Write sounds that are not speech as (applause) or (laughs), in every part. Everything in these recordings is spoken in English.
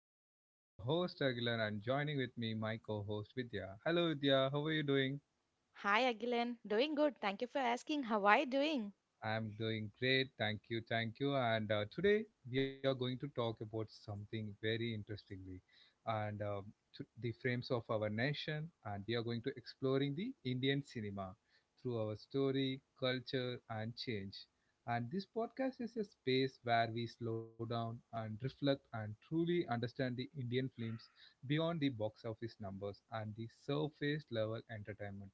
and this is your host Aguilar, and joining with me my co-host Vidya. Hello Vidya, how are you doing? Hi, Agilan. Doing good. Thank you for asking. How are you doing? I'm doing great. Thank you. Thank you. And today we are going to talk about something very interestingly and to the frames of our nation. And we are going to exploring the Indian cinema through our story, culture, and change. And this podcast is a space where we slow down and reflect and truly understand the Indian films beyond the box office numbers and the surface level entertainment.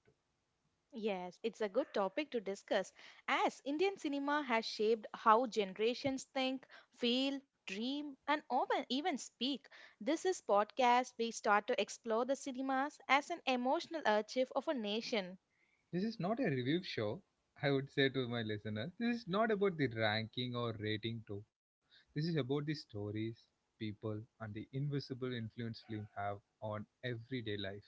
Yes, it's a good topic to discuss as Indian cinema has shaped how generations think, feel, dream, and often even speak. This is podcast we start to explore the cinemas as an emotional archive of a nation. This is not a review show, I would say to my listeners. This is not about the ranking or rating too. This is about the stories, people, and the invisible influence film have on everyday life.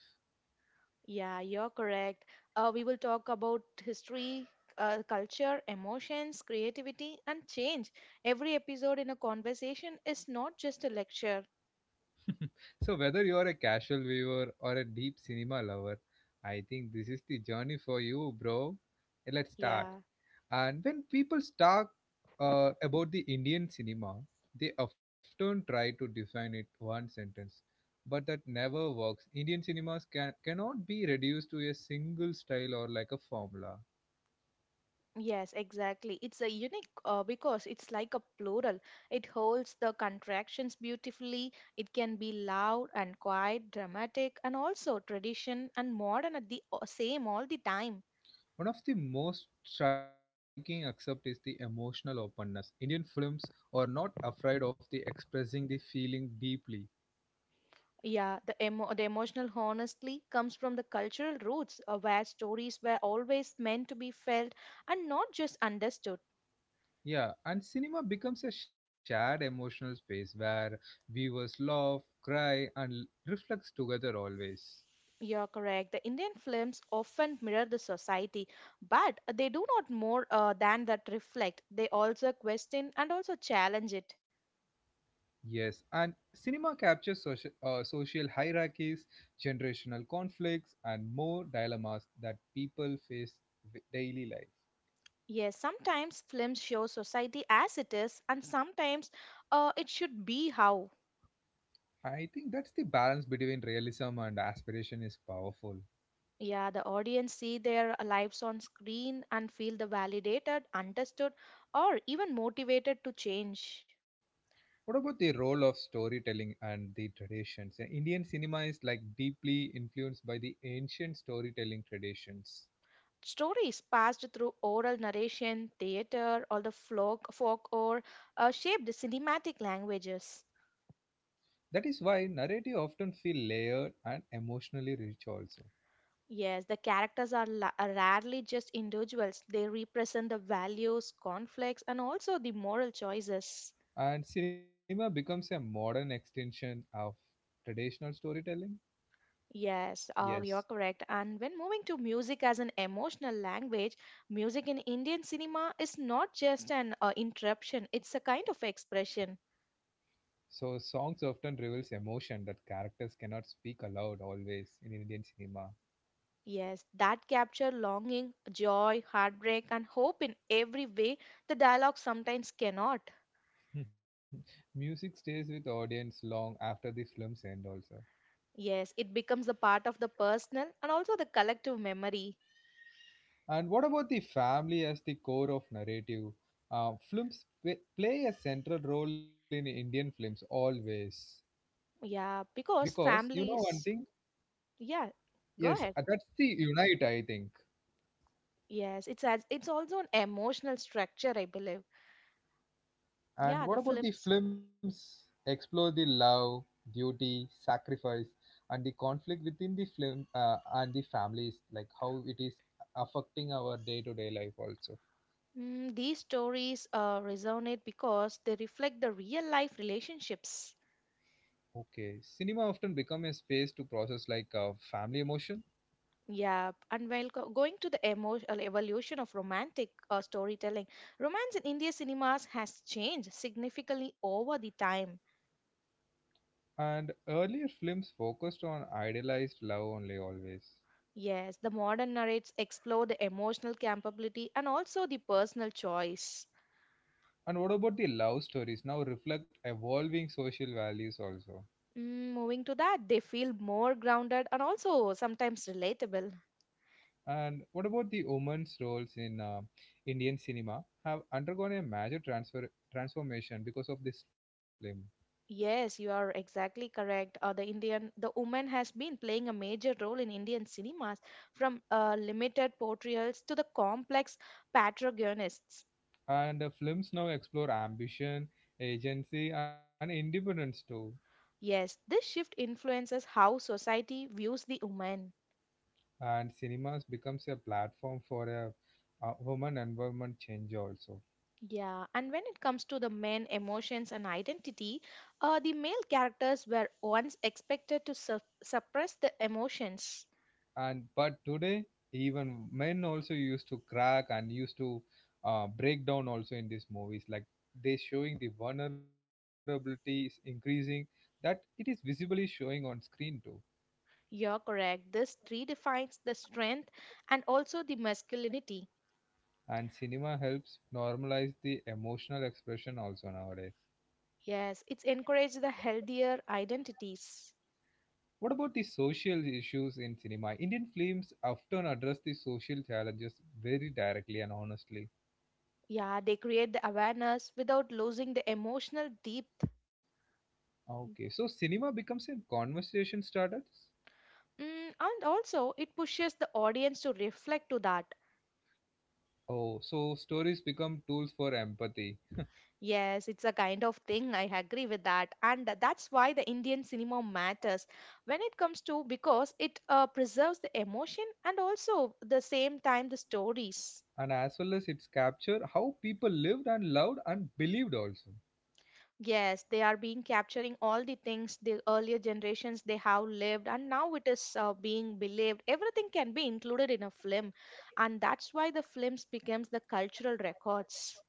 Yeah, you're correct. We will talk about history, culture, emotions, creativity, and change. Every episode in a conversation is not just a lecture. So whether you are a casual viewer or a deep cinema lover, I think this is the journey for you, bro. Let's start. Yeah. And when people talk about the Indian cinema, they often try to define it one sentence, but that never works. Indian cinemas cannot be reduced to a single style or like a formula. Yes, exactly. It's a unique because it's like a plural. It holds the contractions beautifully. It can be loud and quiet, dramatic, and also tradition and modern at the same all the time. One of the most striking aspect is the emotional openness. Indian films are not afraid of the expressing the feeling deeply. Yeah, the the emotional honestly comes from the cultural roots, where stories were always meant to be felt and not just understood. Yeah, and cinema becomes a shared emotional space where viewers laugh, cry, and reflect together always. You're correct. The Indian films often mirror the society, but they do not more than that reflect. They also question and also challenge it. Yes, and cinema captures social, social hierarchies, generational conflicts, and more dilemmas that people face with daily life. Yes, sometimes films show society as it is, and sometimes it should be how. I think that's the balance between realism and aspiration is powerful. Yeah, the audience see their lives on screen and feel the validated, understood, or even motivated to change. What about the role of storytelling and the traditions? Indian cinema is like deeply influenced by the ancient storytelling traditions. Stories passed through oral narration, theater, or the folk or shaped cinematic languages. That is why narrative often feel layered and emotionally rich also. Yes, the characters are rarely just individuals. They represent the values, conflicts, and also the moral choices. And cinema becomes a modern extension of traditional storytelling? Yes, you're Yes. correct. And when moving to music as an emotional language, music in Indian cinema is not just an interruption, it's a kind of expression. So songs often reveals emotion that characters cannot speak aloud always in Indian cinema. Yes, that capture longing, joy, heartbreak, and hope in every way the dialogue sometimes cannot. (laughs) Music stays with audience long after the films end also. Yes, it becomes a part of the personal and also the collective memory. And what about the family as the core of narrative? Films play a central role in Indian films always Yeah, because because you know one families. thing. Yeah, go Yes, ahead. That's the unite. I think. Yes, it's as it's also an emotional structure, I believe. And Yeah, what the about the films. films explore the love, duty, sacrifice, and the conflict within the film and the families, like how it is affecting our day-to-day life also. Mm, these stories resonate because they reflect the real life relationships. Okay, cinema often become a space to process like family emotion, Yeah, and while going to the emotional evolution of romantic storytelling, romance in India cinemas has changed significantly over the time. and earlier films focused on idealized love only always. Yes, the modern narratives explore the emotional capability and also the personal choice. And what about the love stories now reflect evolving social values also? Mm, moving to that, they feel more grounded and also sometimes relatable. And what about the women's roles in Indian cinema have undergone a major transfer transformation because of this film. Yes, you are exactly correct. The woman has been playing a major role in Indian cinemas, from limited portrayals to the complex protagonists. And the films now explore ambition, agency, and independence too. Yes, this shift influences how society views the woman. And cinemas becomes a platform for a, woman environment change also. Yeah, and when it comes to the men, emotions, and identity, the male characters were once expected to suppress the emotions. And but today even men also used to crack and used to break down also in these movies like they showing the vulnerability is increasing that it is visibly showing on screen too. You're correct. This redefines the strength and also the masculinity. And cinema helps normalize the emotional expression also nowadays. Yes, it's encouraged the healthier identities. What about the social issues in cinema? Indian films often address the social challenges very directly and honestly. Yeah, they create the awareness without losing the emotional depth. Okay, so cinema becomes a conversation starter. Mm, and also, it pushes the audience to reflect to that. Oh, so stories become tools for empathy, Yes, it's a kind of thing. I agree with that. And that's why the Indian cinema matters when it comes to because it preserves the emotion and also the same time the stories. and as well as it's capture how people lived and loved and believed also, Yes, they are being capturing all the things the earlier generations they have lived and now it is being believed. Everything can be included in a film and that's why the films becomes the cultural records.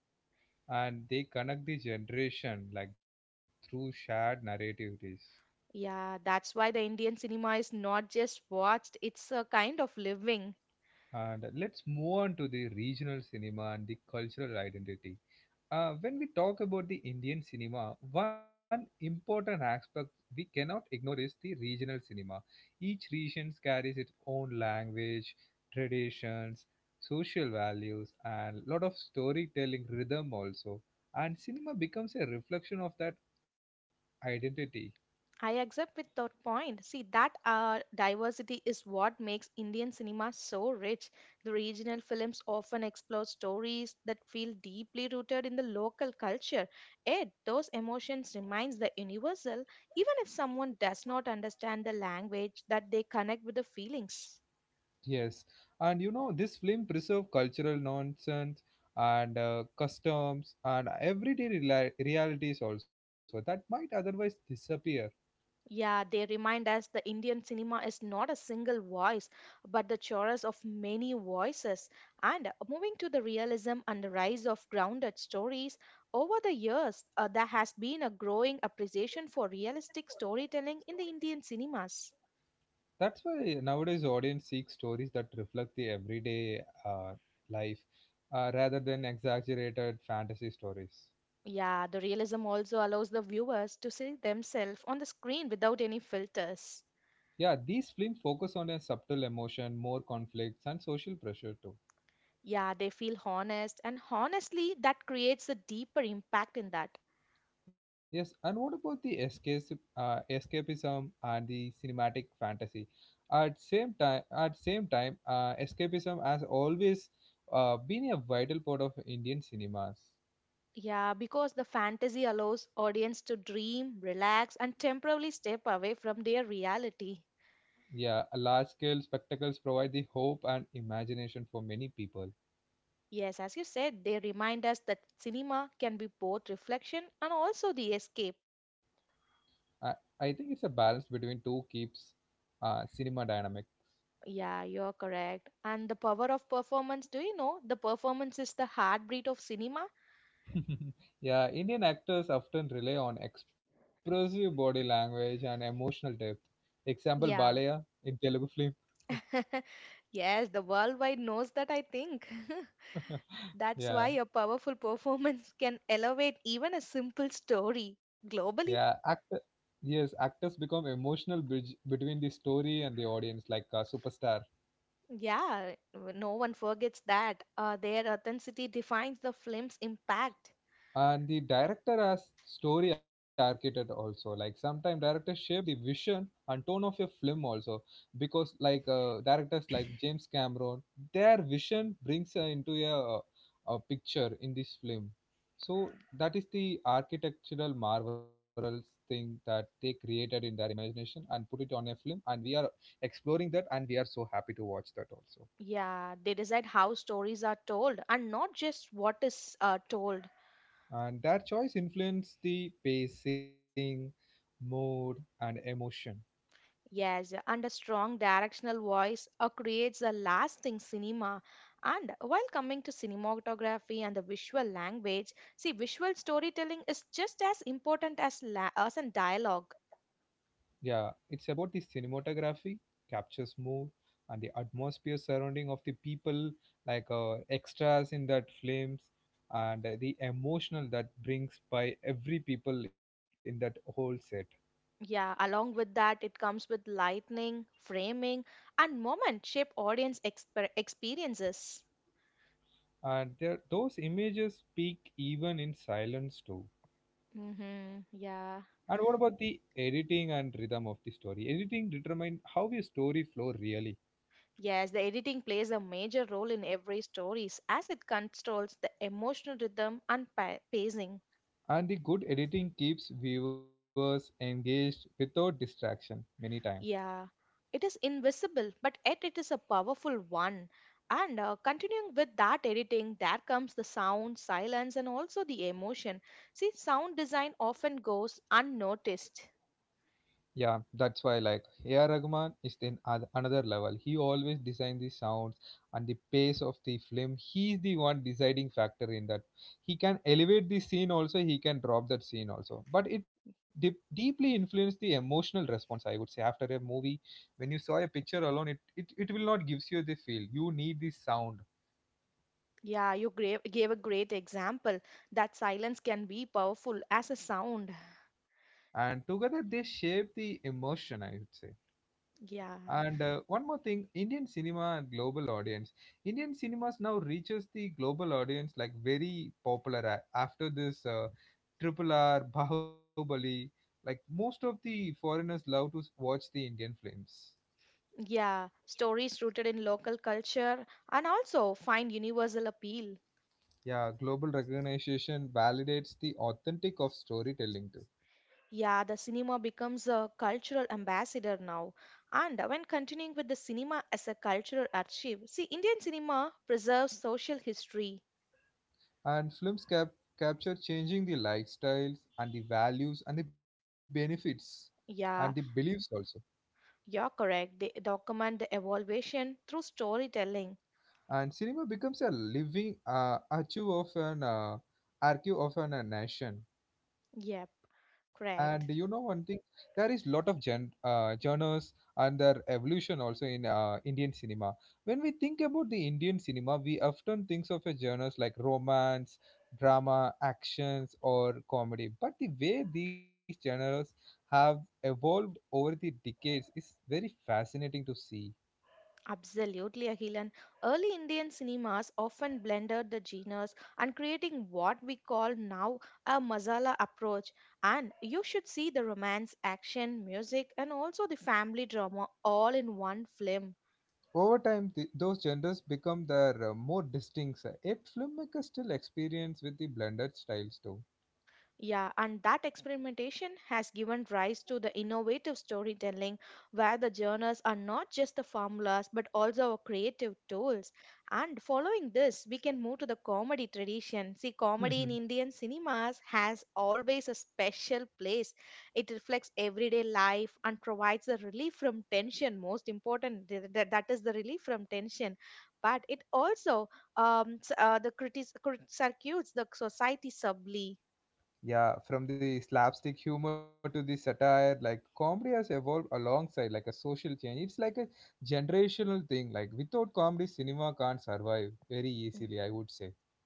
and they connect the generation like through shared narrativities. Yeah, that's why the Indian cinema is not just watched, it's a kind of living. And let's move on to the regional cinema and the cultural identity. When we talk about the Indian cinema, one important aspect we cannot ignore is the regional cinema. Each region carries its own language, traditions, social values, and lot of storytelling rhythm also. And cinema becomes a reflection of that identity. I accept with that point. See, that diversity is what makes Indian cinema so rich. The regional films often explore stories that feel deeply rooted in the local culture. Yet, those emotions remains the universal, even if someone does not understand the language that they connect with the feelings. Yes, and you know this film preserves cultural nonsense and customs and everyday realities also that might otherwise disappear. Yeah, they remind us the Indian cinema is not a single voice, but the chorus of many voices. And moving to the realism and the rise of grounded stories, over the years, there has been a growing appreciation for realistic storytelling in the Indian cinemas. That's why nowadays audience seek stories that reflect the everyday life rather than exaggerated fantasy stories. Yeah, the realism also allows the viewers to see themselves on the screen without any filters. Yeah, these films focus on a subtle emotion, more conflicts, and social pressure too. Yeah, they feel honest, and honestly, that creates a deeper impact in that. Yes, and what about the escape, escapism and the cinematic fantasy? At same time, escapism has always been a vital part of Indian cinemas. Yeah, because the fantasy allows audience to dream, relax, and temporarily step away from their reality. Yeah, large scale spectacles provide the hope and imagination for many people. Yes, as you said, they remind us that cinema can be both reflection and also the escape. I, I think it's a balance between two keeps cinema dynamics. Yeah, you're correct. And the power of performance, do you know? The performance is the heartbeat of cinema. (laughs) Yeah, Indian actors often rely on expressive body language and emotional depth. Example, Yeah. (laughs) Balaya in Telugu film. Yes, the worldwide knows that, I think. (laughs) (laughs) That's why Yeah, a powerful (laughs) performance can elevate even a simple story yeah. globally. Actor, yes, actors become emotional bridge between the story and the audience, like a superstar. Yeah, no one forgets that. Their authenticity defines the film's impact. And the director as story architect also, like sometimes directors shape the vision and tone of a film also, because like directors like James Cameron, their vision brings into a picture in this film. So that is the architectural marvels thing that they created in their imagination and put it on a film, and we are exploring that, and we are so happy to watch that also. Yeah, they decide how stories are told and not just what is told. And their choice influenced the pacing, mood and emotion. Yes, and a strong directional voice creates a lasting cinema. And while coming to cinematography and the visual language, see, visual storytelling is just as important as in dialogue. Yeah, it's about the cinematography, captures mood, and the atmosphere surrounding of the people, like extras in that films, and the emotional that brings by every people in that whole set. Yeah, along with that, it comes with lightning, framing, and moment shape audience experiences. And there, those images speak even in silence too. Mm-hmm. Yeah. And what about the editing and rhythm of the story? Editing determine how a story flow really. Yes, the editing plays a major role in every stories as it controls the emotional rhythm and pacing. And the good editing keeps viewers engaged without distraction many times. Yeah, it is invisible, but yet it is a powerful one. And continuing with that editing, there comes the sound, silence, and also the emotion. See, sound design often goes unnoticed. Yeah, that's why like A.R. Rahman is in another level. He always designs the sounds and the pace of the film. He is the one deciding factor in that. He can elevate the scene also. He can drop that scene also. But it deeply influenced the emotional response. I would say, after a movie, when you saw a picture alone, it will not gives you the feel. You need the sound, Yeah, you gave a great example that silence can be powerful as a sound. and together they shape the emotion, I would say. Yeah, And one more thing, Indian cinema and global audience. Indian cinemas now reaches the global audience like very popular after this Triple R, Bahubali. Like most of the foreigners love to watch the Indian films. yeah. Stories rooted in local culture and also find universal appeal. Yeah, global recognition validates the authentic of storytelling too. Yeah, the cinema becomes a cultural ambassador now. And when continuing with the cinema as a cultural archive, see, Indian cinema preserves social history. And films capture changing the lifestyles and the values and the benefits and the Yeah, beliefs also. you're correct. They document the evolution through storytelling. And cinema becomes a living archive of an nation. Yep, And you know correct. one thing, there is lot of genres and their evolution also in Indian cinema. When we think about the Indian cinema, we often think of a genres like romance, drama, actions or comedy, but the way these genres have evolved over the decades is very fascinating to see. Absolutely, Agilan. Early Indian cinemas often blended the genres and creating what we call now a masala approach. And you should see the romance, action, music, and also the family drama all in one film. Over time, those genres become their more distinct, yet filmmakers still experience with the blended styles too. Yeah, and that experimentation has given rise to the innovative storytelling where the journals are not just the formulas but also our creative tools. And following this, we can move to the comedy tradition. See, comedy in (laughs) Indian cinemas has always a special place. It reflects everyday life and provides a relief from tension. Most important, that is the relief from tension. But it also circuits the society subtly. Yeah, from the slapstick humor to the satire, like comedy has evolved alongside like a social change. It's like a generational thing. Like without comedy, cinema can't survive very easily, I would say.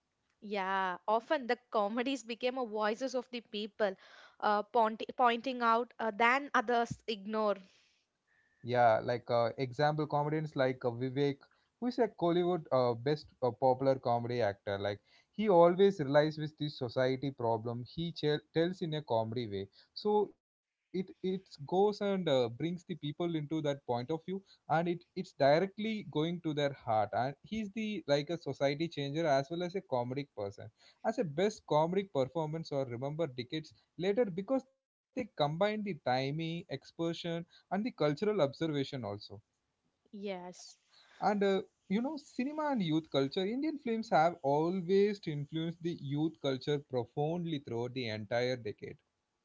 Yeah, often the comedies became a voices of the people, pointing out than others ignore. Yeah, like example comedians like Vivek, who is a Kollywood best popular comedy actor. Like he always relies with the society problem. He tells in a comedy way, so it goes and brings the people into that point of view, and it it's directly going to their heart. And he's the like a society changer as well as a comedic person. As a best comedic performance, or remember decades later, because they combine the timing, expression and the cultural observation also. Yes, And you know, cinema and youth culture, Indian films have always influenced the youth culture profoundly throughout the entire decade.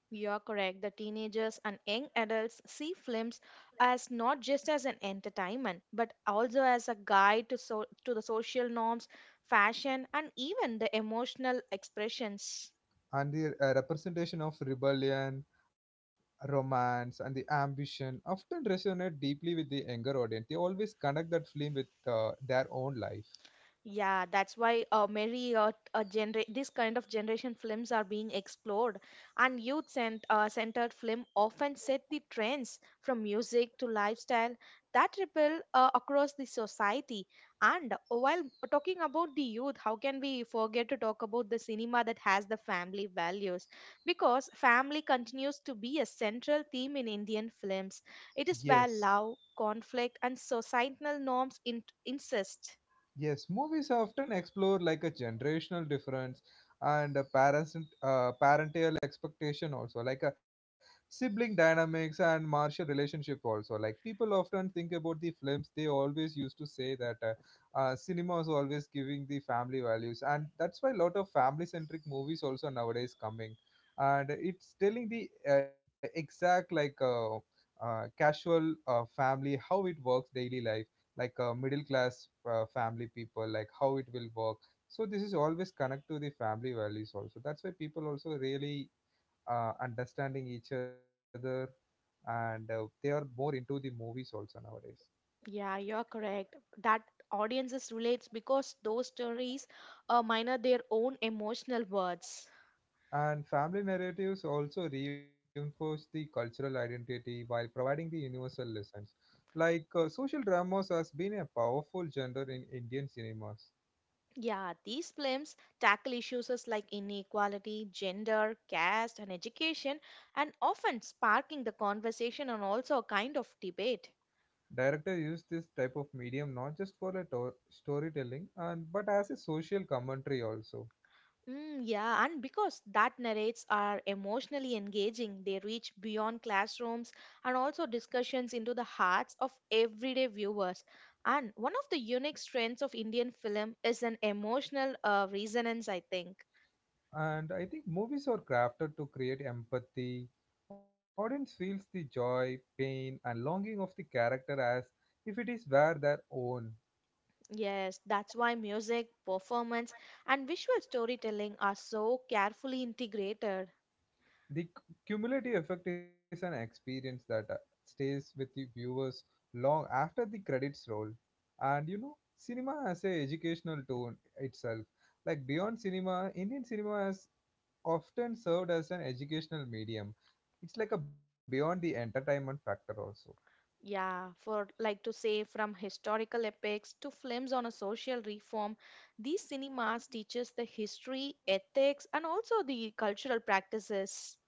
you are correct. The teenagers and young adults see films as not just as an entertainment, but also as a guide to so to the social norms, fashion, and even the emotional expressions. And the representation of rebellion, romance, and the ambition often resonate deeply with the younger audience. They always connect that film with their own life. Yeah, that's why many this kind of generation films are being explored, and centered film often set the trends from music to lifestyle that ripple across the society. And while talking about the youth, how can we forget to talk about the cinema that has the family values? Because family continues to be a central theme in Indian films. It is where Yes. love, conflict, and societal norms insist. Yes, movies often explore like a generational difference and a parents parental expectation also, like a sibling dynamics and martial relationship also. Like people often think about the films, they always used to say that cinema is always giving the family values, and that's why a lot of family centric movies also nowadays coming, and it's telling the exact casual family how it works daily life, like middle class family people, like how it will work. So this is always connect to the family values also, that's why people also really understanding each other, and they are more into the movies also nowadays. Yeah, you're correct. That audiences relates because those stories minor their own emotional words. And family narratives also reinforce the cultural identity while providing the universal lessons, like social dramas has been a powerful genre in Indian cinemas. Yeah, these films tackle issues as like inequality, gender, caste, and education, and often sparking the conversation and also a kind of debate. Director used this type of medium not just for a storytelling and but as a social commentary also. Mm, yeah, and because that narrates are emotionally engaging, they reach beyond classrooms and also discussions into the hearts of everyday viewers. And one of the unique strengths of Indian film is an emotional resonance, I think. And I think movies are crafted to create empathy. Audience feels the joy, pain, and longing of the character as if it is were their own. Yes, that's why music, performance, and visual storytelling are so carefully integrated. The cumulative effect is an experience that stays with the viewers long after the credits roll. And you know, cinema has a educational tone itself, like beyond cinema Indian cinema has often served as an educational medium. It's like a beyond the entertainment factor also. Yeah, for like to say from historical epics to films on a social reform, these cinemas teaches the history, ethics, and also the cultural practices.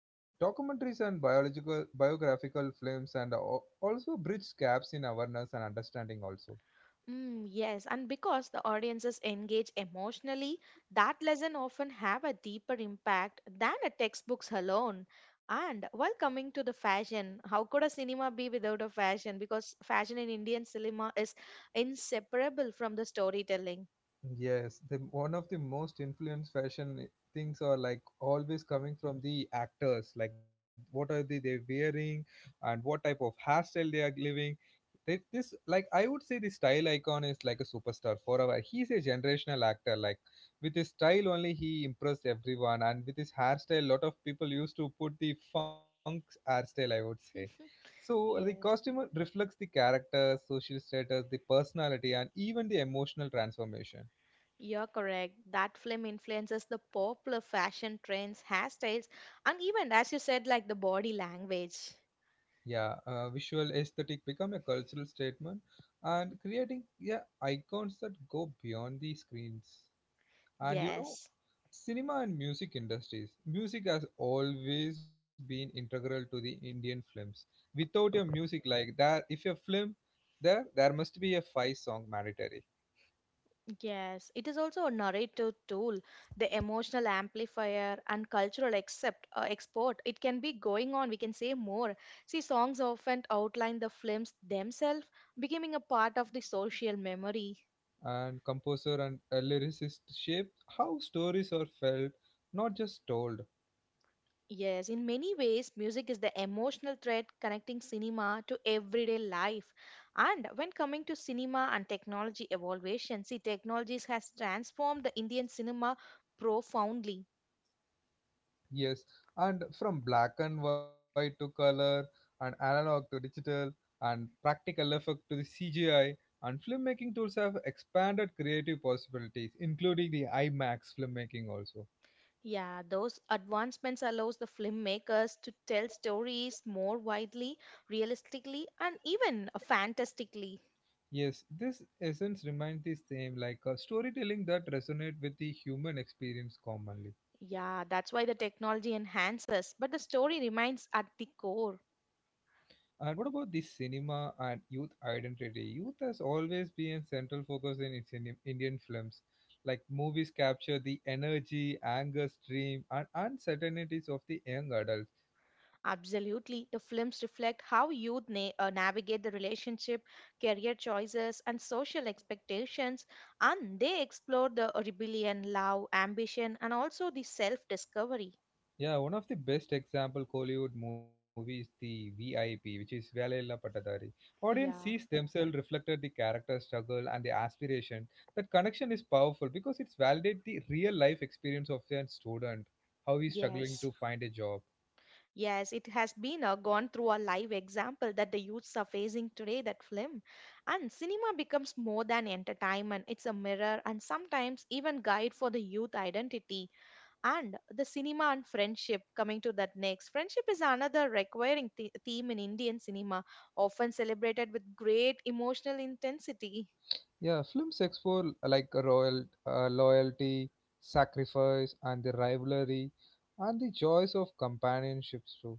Yes, documentaries and biological biographical films and also bridge gaps in awareness and understanding also. Mm, yes, and because the audiences engage emotionally, that lesson often have a deeper impact than a textbooks alone. And while coming to the fashion, how could a cinema be without a fashion? Because fashion in Indian cinema is inseparable from the storytelling. Yes, the one of the most influenced fashion things are like always coming from the actors. Like what are they wearing, and what type of hairstyle they are living. Right, this like I would say the style icon is like a superstar forever. He's a generational actor. Like with his style only, he impressed everyone, and with his hairstyle, lot of people used to put the funk hairstyle, I would say. So (laughs) the Yes. costume reflects the character, social status, the personality, and even the emotional transformation. You're correct. That film influences the popular fashion trends, hairstyles, and even, as you said, like the body language. Yeah, visual aesthetic become a cultural statement, and creating yeah icons that go beyond the screens. And you know, Yes, cinema and music industries, music has always been integral to the Indian films. Without a music, like that if a film, there must be a five song mandatory. yes. It is also a narrative tool, the emotional amplifier and cultural accept, export. It can be going on. We can say more. See, songs often outline the films themselves, becoming a part of the social memory. And composer and a lyricist shape how stories are felt, not just told. Yes, in many ways, music is the emotional thread connecting cinema to everyday life. And when coming to cinema and technology evolution, see, technologies has transformed the Indian cinema profoundly. Yes, and from black and white to color, and analog to digital, and practical effect to the CGI, and filmmaking tools have expanded creative possibilities, including the IMAX filmmaking also. Yeah, those advancements allows the filmmakers to tell stories more widely, realistically, and even fantastically. Yes, this essence remains the same, like a storytelling that resonates with the human experience commonly. Yeah, that's why the technology enhances, but the story remains at the core. And what about the cinema and youth identity? Youth has always been central focus in Indian films. Like movies capture the energy, anger, stream, and uncertainties of the young adults. Absolutely. The films reflect how youth navigate the relationship, career choices, and social expectations, and they explore the rebellion, love, ambition, and also the self discovery. Yeah, one of the best example Kollywood movie is the VIP, which is Velaila Patadari. Audience sees Yeah, themselves reflected the character struggle and the aspiration. That connection is powerful because it's validate the real life experience of a student, how he's struggling yes. to find a job. Yes, it has been gone through a live example that the youths are facing today, that film. And cinema becomes more than entertainment, it's a mirror and sometimes even guide for the youth identity. And the cinema and friendship, coming to that next, friendship is another requiring the theme in Indian cinema, often celebrated with great emotional intensity. Yeah, films explore like royal loyalty, sacrifice, and the rivalry, and the joys of companionships too.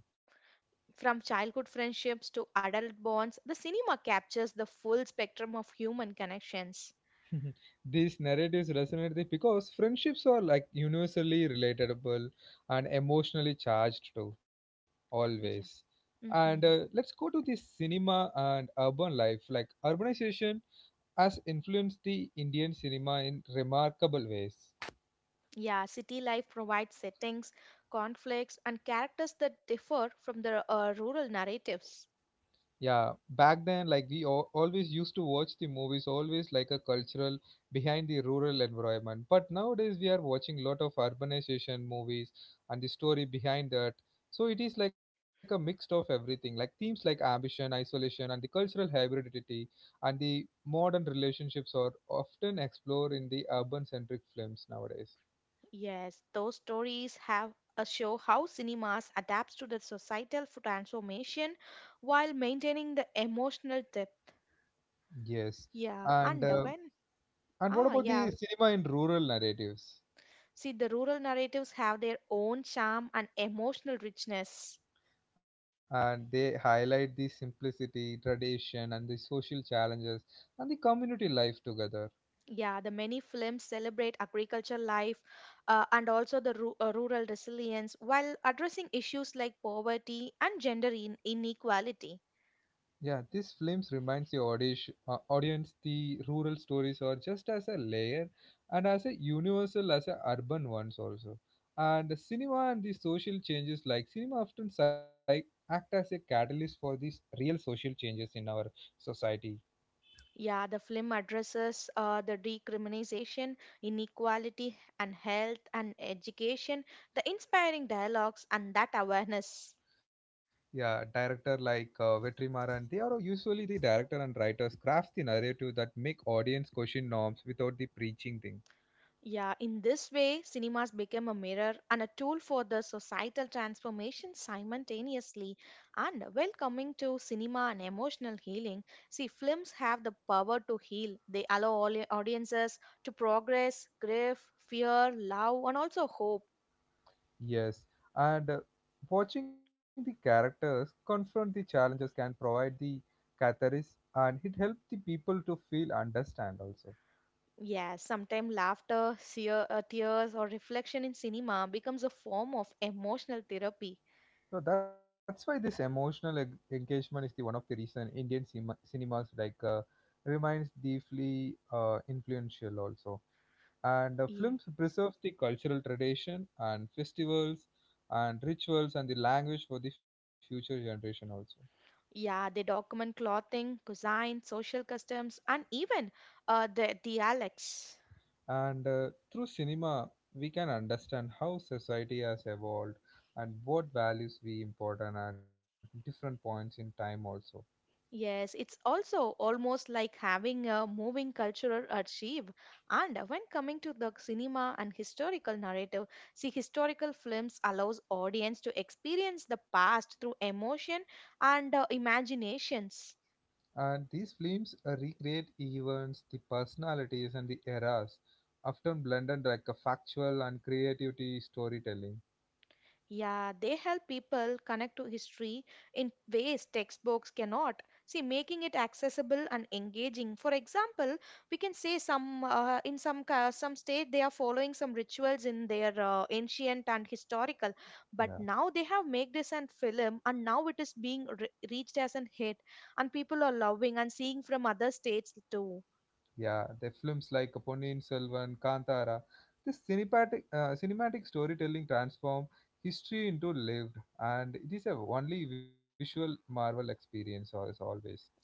From childhood friendships to adult bonds, the cinema captures the full spectrum of human connections. (laughs) These narratives resonate because friendships are like universally relatable and emotionally charged too, always. Yeah. And Hmm. let's go to the cinema and urban life. Like urbanization has influenced the Indian cinema in remarkable ways. Yeah, city life provides settings, conflicts and characters that differ from the rural narratives. Yeah, back then, like we all, always used to watch the movies, always like a cultural behind the rural environment. But nowadays, we are watching lot of urbanization movies and the story behind that. So it is like a mixed of everything, like themes like ambition, isolation, and the cultural hybridity, and the modern relationships are often explored in the urban-centric films nowadays. Yes, those stories have a show how cinemas adapts to the societal transformation while maintaining the emotional depth. Yes, Yeah, and and uh, when and what ah, about yeah, the cinema in rural narratives? see, the rural narratives have their own charm and emotional richness. And they highlight the simplicity, tradition, and the social challenges and the community life together. Yeah, the many films celebrate agricultural life, and also the rural resilience while addressing issues like poverty and gender inequality. Yeah, these films reminds the audience, audience, the rural stories are just as a layer and as a universal as a urban ones also. And the cinema and the social changes, like cinema often act as a catalyst for these real social changes in our society. Yeah, the film addresses the decriminalization, inequality, and health and education, the inspiring dialogues, and that awareness. Yeah, director like Vetrimaran, they are usually the director and writers craft the narrative that make audience question norms without the preaching thing. Yeah, in this way, cinemas became a mirror and a tool for the societal transformation simultaneously. And while coming to cinema and emotional healing, see, films have the power to heal. They allow all audiences to progress, grief, fear, love, and also hope. Yes, and watching the characters confront the challenges can provide the catharsis, and it helps the people to feel understand also. Yeah, sometimes laughter, tears, or reflection in cinema becomes a form of emotional therapy. So that's why this emotional engagement is the one of the reason Indian cinemas like remains deeply influential also. And the Yeah. films preserve the cultural tradition and festivals and rituals and the language for the future generation also. Yeah, they document clothing, cuisine, social customs, and even the dialects. And through cinema we can understand how society has evolved and what values we important at different points in time also. Yes, it's also almost like having a moving cultural archive. And when coming to the cinema and historical narrative, see, historical films allows audience to experience the past through emotion and imaginations. And these films recreate events, the personalities and the eras, often blended like a factual and creativity storytelling. Yeah, they help people connect to history in ways textbooks cannot. See, making it accessible and engaging. For example, we can say some in some some state they are following some rituals in their ancient and historical, but Yeah now they have made this and film, and now it is being reached as an hit, and people are loving and seeing from other states too. Yeah, the films like Ponniyin Selvan, Kantara, this cinematic storytelling transform history into lived, and it is a only visual marvel experience as always.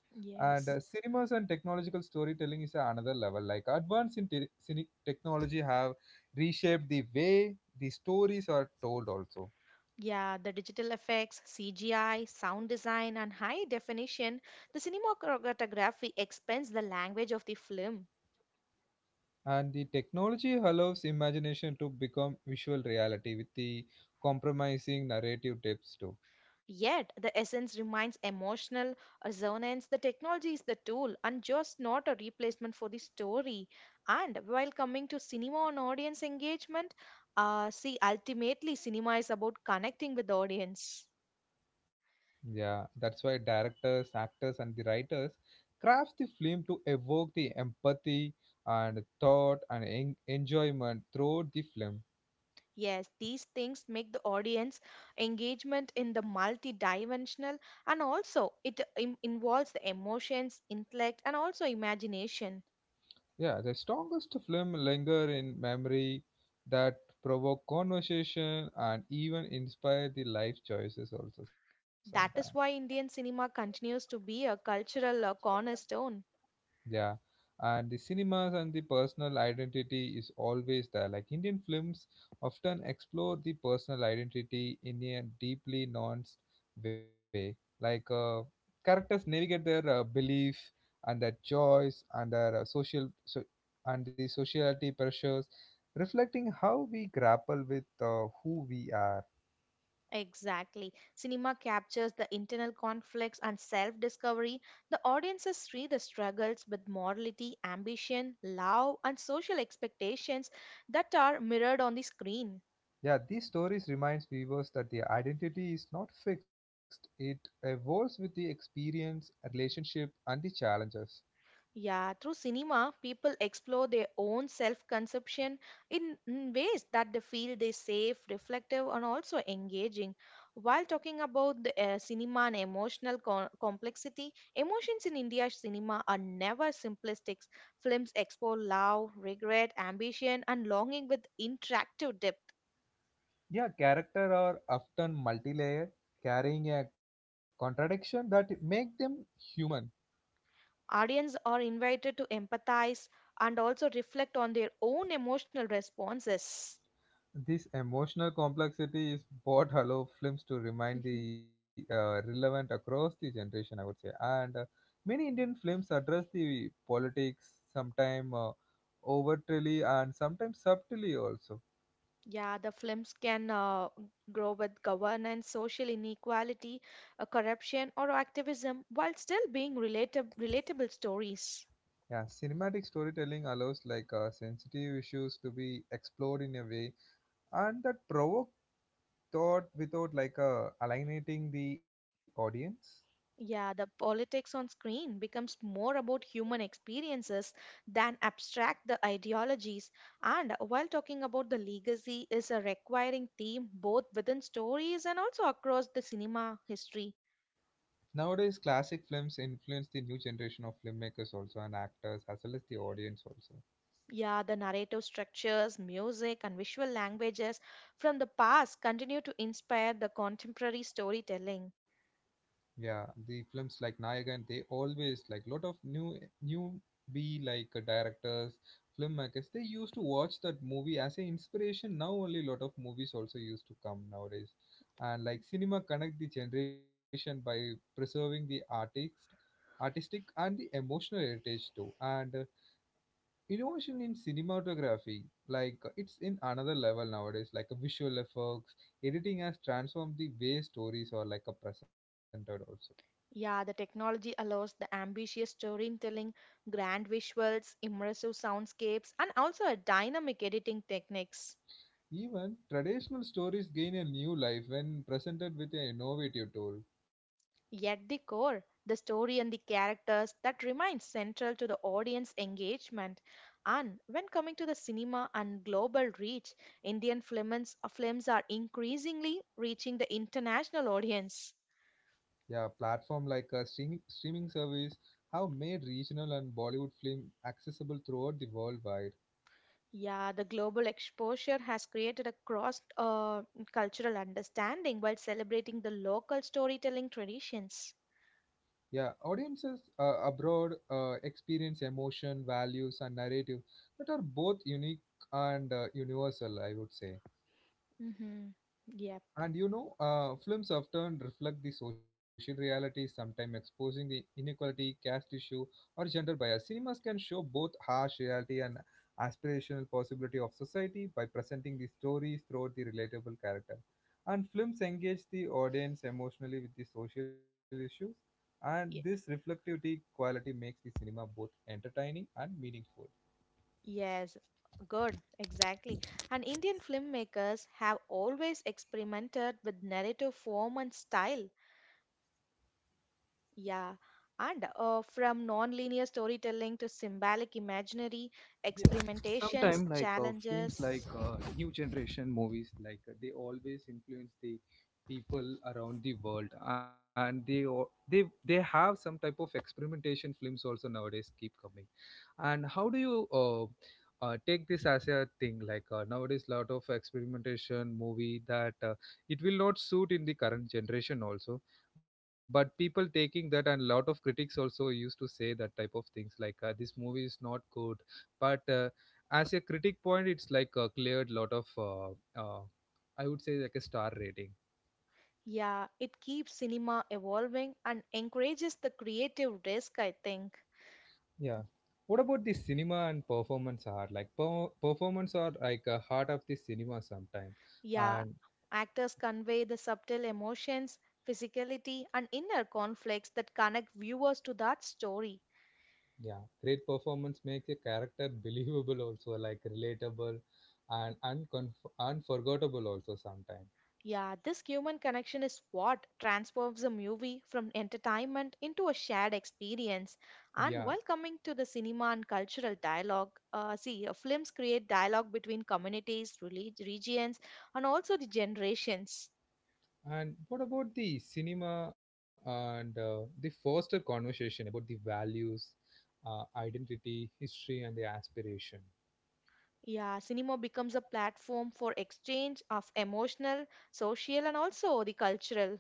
And Yes. cinemas and technological storytelling is another level. Like advance in technology have reshaped the way the stories are told also. Yeah, the digital effects, CGI, sound design, and high definition, the cinematography expands the language of the film. And the technology allows imagination to become visual reality with the compromising narrative depths too. Yet, the essence remains emotional resonance. The technology is the tool and just not a replacement for the story. And while coming to cinema and audience engagement, see, ultimately, cinema is about connecting with the audience. Yeah, that's why directors, actors, and the writers craft the film to evoke the empathy and thought and enjoyment throughout the film. Yes, these things make the audience engagement in the multidimensional, and also it involves the emotions, intellect and also imagination. Yeah, the strongest film linger in memory, that provoke conversation and even inspire the life choices also sometimes. That is why Indian cinema continues to be a cultural cornerstone. Yeah, and the cinemas and the personal identity is always there. Like Indian films often explore the personal identity in a deeply nuanced way. Like characters navigate their belief and their joys and their social so, and the sociality pressures, reflecting how we grapple with who we are. Exactly. Cinema captures the internal conflicts and self-discovery. The audiences see the struggles with morality, ambition, love and social expectations that are mirrored on the screen. Yeah, these stories reminds viewers that their identity is not fixed. It evolves with the experience, relationship, and the challenges. Yeah, through cinema, people explore their own self conception in ways that they feel they safe, reflective, and also engaging. While talking about the cinema and emotional complexity, emotions in India's cinema are never simplistic. Films explore love, regret, ambition, and longing with interactive depth. Yeah, character are often multi-layered, carrying a contradiction that make them human. Audience are invited to empathize and also reflect on their own emotional responses. This emotional complexity is what allow films to remain Mm-hmm. the relevant across the generation, I would say. And many Indian films address the politics, sometimes overtly and sometimes subtly also. Yeah, the films can grow with governance, social inequality, corruption, or activism while still being relatable stories. Yeah, cinematic storytelling allows like sensitive issues to be explored in a way and that provoke thought without like alienating the audience. Yeah, the politics on screen becomes more about human experiences than abstract the ideologies. And while talking about the legacy is a requiring theme both within stories and also across the cinema history. Nowadays, classic films influence the new generation of filmmakers also and actors as well as the audience also. Yeah, the narrative structures, music, and visual languages from the past continue to inspire the contemporary storytelling. Yeah, the films like Nayagan, they always like lot of new be like directors, filmmakers. They used to watch that movie as an inspiration. Now only lot of movies also used to come nowadays, and like cinema connect the generation by preserving the artistic and the emotional heritage too. And innovation in cinematography, like it's in another level nowadays. Like visual effects, editing has transformed the way stories are like a presented also. Yeah, the technology allows the ambitious storytelling, grand visuals, immersive soundscapes, and also a dynamic editing techniques. Even traditional stories gain a new life when presented with an innovative tool. Yet the core, the story and the characters that remain central to the audience engagement. And when coming to the cinema and global reach, Indian films, films are increasingly reaching the international audience. Yeah, platform like a streaming service have made regional and Bollywood film accessible throughout the worldwide. Yeah, the global exposure has created a cross cultural understanding while celebrating the local storytelling traditions. Yeah, audiences abroad experience emotion, values, and narrative that are both unique and universal, I would say. Hmm. Yep. And you know, films often reflect the social reality, sometimes exposing the inequality, caste issue, or gender bias. Cinemas can show both harsh reality and aspirational possibility of society by presenting the stories through the relatable character. And films engage the audience emotionally with the social issues, and this reflectivity quality makes the cinema both entertaining and meaningful. Yes, good, exactly. And Indian filmmakers have always experimented with narrative form and style. Yeah, and from non-linear storytelling to symbolic imaginary Yeah, experimentations, sometime like films like challenges. New generation movies like they always influence the people around the world, and they o- they they have some type of experimentation films also nowadays keep coming. And how do you take this as a thing? Like nowadays, lot of experimentation movie that it will not suit in the current generation also. But people taking that, and lot of critics also used to say that type of things like this movie is not good. But as a critic point, it's like cleared lot of uh, I would say like a star rating. Yeah, it keeps cinema evolving and encourages the creative risk, I think. Yeah. What about the cinema and performance art? Like performance art like a heart of the cinema sometime. Yeah, And actors convey the subtle emotions, physicality, and inner conflicts that connect viewers to that story. yeah, great performance makes a character believable also, like relatable and unconf unforgettable also sometimes. Yeah, this human connection is what transforms a movie from entertainment into a shared experience. And Yeah, while coming to the cinema and cultural dialogue, films create dialogue between communities, regions, and also the generations. and what about the cinema and the foster conversation about the values, identity, history, and the aspiration? Yeah, cinema becomes a platform for exchange of emotional, social, and also the cultural.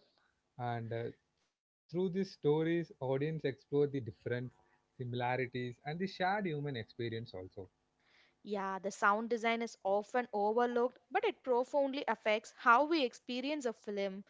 And through these stories, audience explore the different similarities and the shared human experience also. Yeah, the sound design is often overlooked, but it profoundly affects how we experience a film.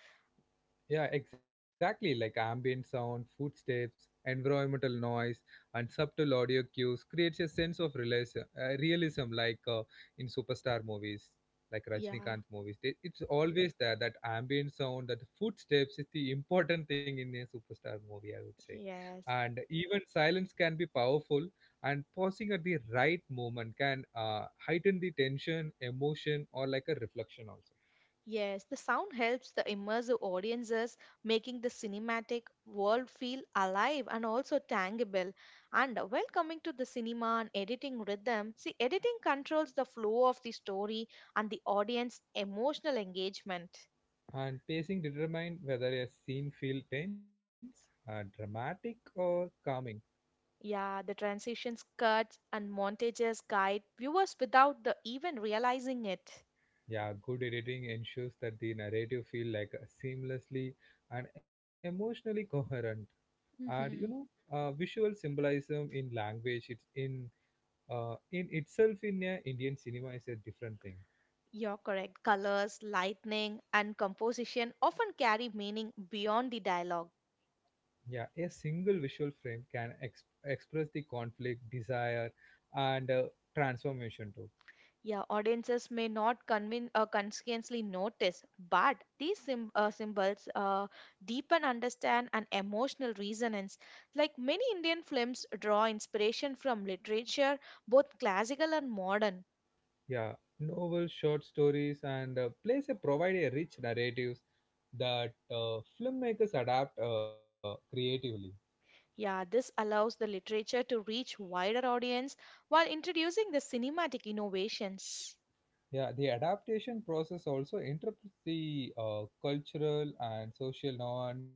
Yeah, exactly. Like ambient sound, footsteps, environmental noise, and subtle audio cues creates a sense of realism, realism like in superstar movies, like Yeah, Rajinikanth movies. They, it's always there, that ambient sound, that footsteps is the important thing in a superstar movie, I would say. yes. And even silence can be powerful, and pausing at the right moment can heighten the tension, emotion, or like a reflection also. Yes, the sound helps the immersive audiences, making the cinematic world feel alive and also tangible. And while coming to the cinema and editing rhythm, see, editing controls the flow of the story and the audience emotional engagement. And pacing determine whether a scene feels tense, dramatic, or calming. Yeah, the transitions, cuts, and montages guide viewers without the even realizing it. Yeah, good editing ensures that the narrative feel like seamlessly and emotionally coherent. And you know, Mhm. Visual symbolism in language, it's in itself in Indian cinema is a different thing. You're correct. Colors, lightning, and composition often carry meaning beyond the dialogue. Yeah, a single visual frame can express the conflict, desire, and transformation too. Yeah, audiences may not consciously notice, but these symbols deepen understand and emotional resonance. Like many Indian films draw inspiration from literature, both classical and modern. Yeah, novels, short stories, and plays a provide a rich narratives that filmmakers adapt creatively. Yeah, this allows the literature to reach wider audience while introducing the cinematic innovations. Yeah, the adaptation process also interprets the cultural and social norms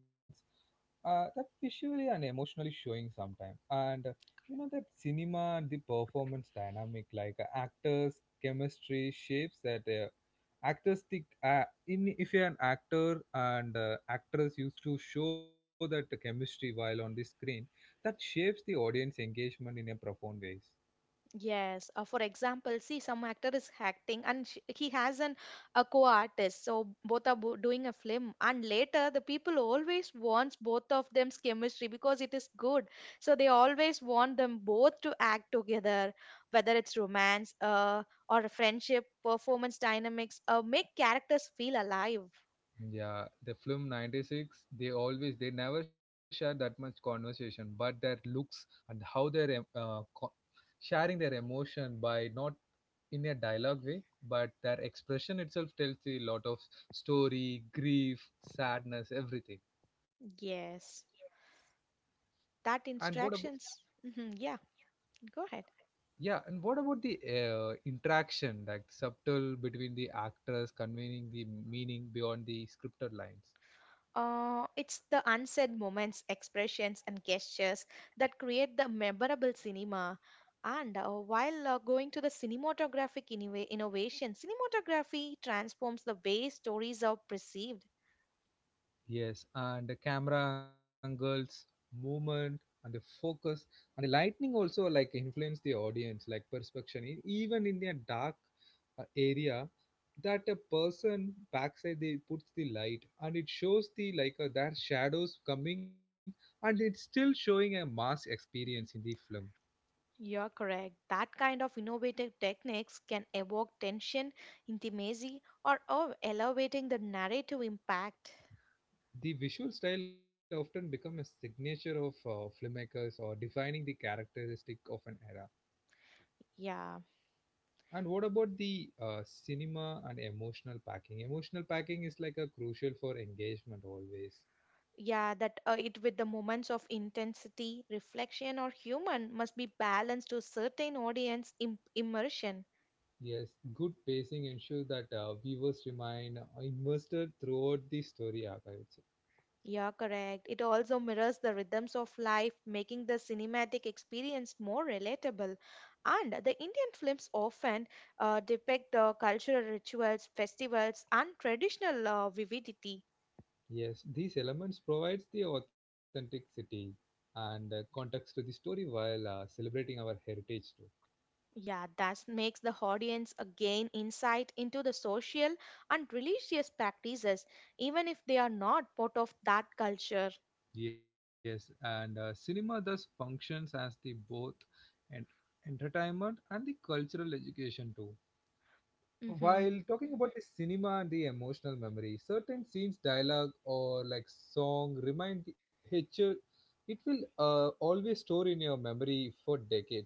that visually and emotionally showing sometime. And you know that cinema and the performance dynamic, like actors' chemistry shapes that actors the in if you're an actor and actress used to show that the chemistry while on the screen, that shapes the audience engagement in a profound ways. Yes, for example, see, some actor is acting and sh he has an a co-artist, so both are bo doing a film. And later, the people always wants both of them's chemistry because it is good. So they always want them both to act together, whether it's romance, or a friendship, performance dynamics, make characters feel alive. Yeah, the film 96, they always, they never share that much conversation, but their looks and how sharing their emotion by not in a dialogue way, but their expression itself tells a lot of story, grief, sadness, everything. Yes, that And what about, instructions. Hmm, yeah, go ahead. yeah, and what about the interaction, like subtle between the actors conveying the meaning beyond the scripted lines? It's the unsaid moments, expressions, and gestures that create the memorable cinema. And while going to the cinematographic innovation, cinematography transforms the way stories are perceived. Yes, and the camera angles, movement, and the focus, and the lightning also like influence the audience, like perception. Even in a dark area, that a person backside they puts the light, and it shows the like their shadows coming, and it's still showing a mass experience in the film. You're correct. That kind of innovative techniques can evoke tension, intimacy, or elevating the narrative impact. The visual style often become a signature of filmmakers or defining the characteristic of an era. Yeah. And what about the cinema and emotional packing? Emotional packing is like a crucial for engagement always. Yeah, that it with the moments of intensity, reflection, or human must be balanced to certain audience immersion. Yes, good pacing ensures that viewers remain invested throughout the story arc, I would say. Yeah, correct. It also mirrors the rhythms of life, making the cinematic experience more relatable. And the Indian films often depict the cultural rituals, festivals, and traditional vividity. Yes, these elements provides the authenticity and context to the story while celebrating our heritage too. Yeah, that makes the audience gain insight into the social and religious practices, even if they are not part of that culture. Yes, and cinema thus functions as the both ent- entertainment and the cultural education too. Mm-hmm. While talking about the cinema and the emotional memory, certain scenes, dialogue, or like song remind the Hitcher. It will always store in your memory for decades.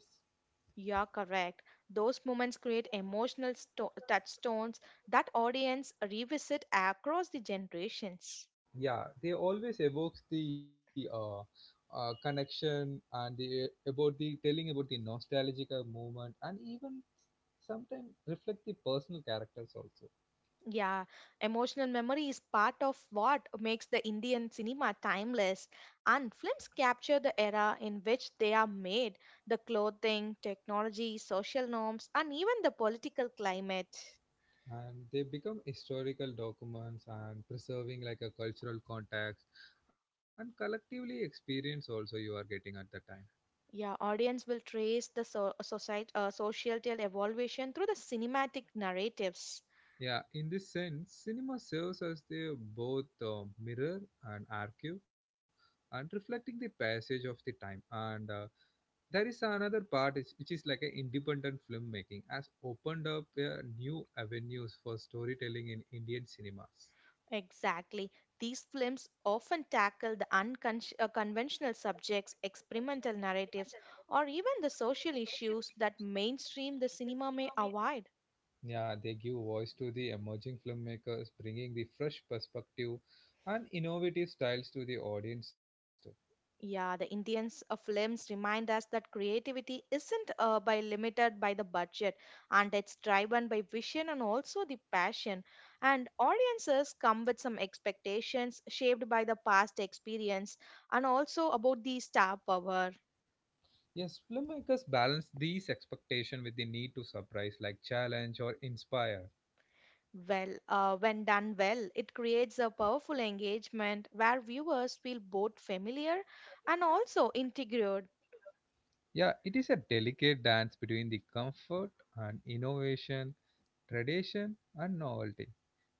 You're correct. Those moments create emotional touchstones that audience revisit across the generations. Yeah, they always evokes the connection and the about the telling about the nostalgic movement and even sometimes reflect the personal characters also. Yeah, emotional memory is part of what makes the Indian cinema timeless, and films capture the era in which they are made, the clothing, technology, social norms, and even the political climate. And they become historical documents and preserving like a cultural context and collectively experience also you are getting at the time. Yeah, audience will trace the society, social evolution through the cinematic narratives. Yeah, in this sense cinema serves as the both mirror and archive and reflecting the passage of the time, and there is another part is, which is like an independent filmmaking has opened up new avenues for storytelling in Indian cinemas. Exactly. These films often tackle the unconventional subjects, experimental narratives, or even the social issues that mainstream the cinema may avoid. Yeah, they give voice to the emerging filmmakers, bringing the fresh perspective and innovative styles to the audience too. Yeah, the Indians of films remind us that creativity isn't by limited by the budget, and it's driven by vision and also the passion. And audiences come with some expectations shaped by the past experience and also about the star power. Yes, filmmakers balance these expectations with the need to surprise, like challenge or inspire. Well, when done well, it creates a powerful engagement where viewers feel both familiar and also integrated. Yeah, it is a delicate dance between the comfort and innovation, tradition and novelty.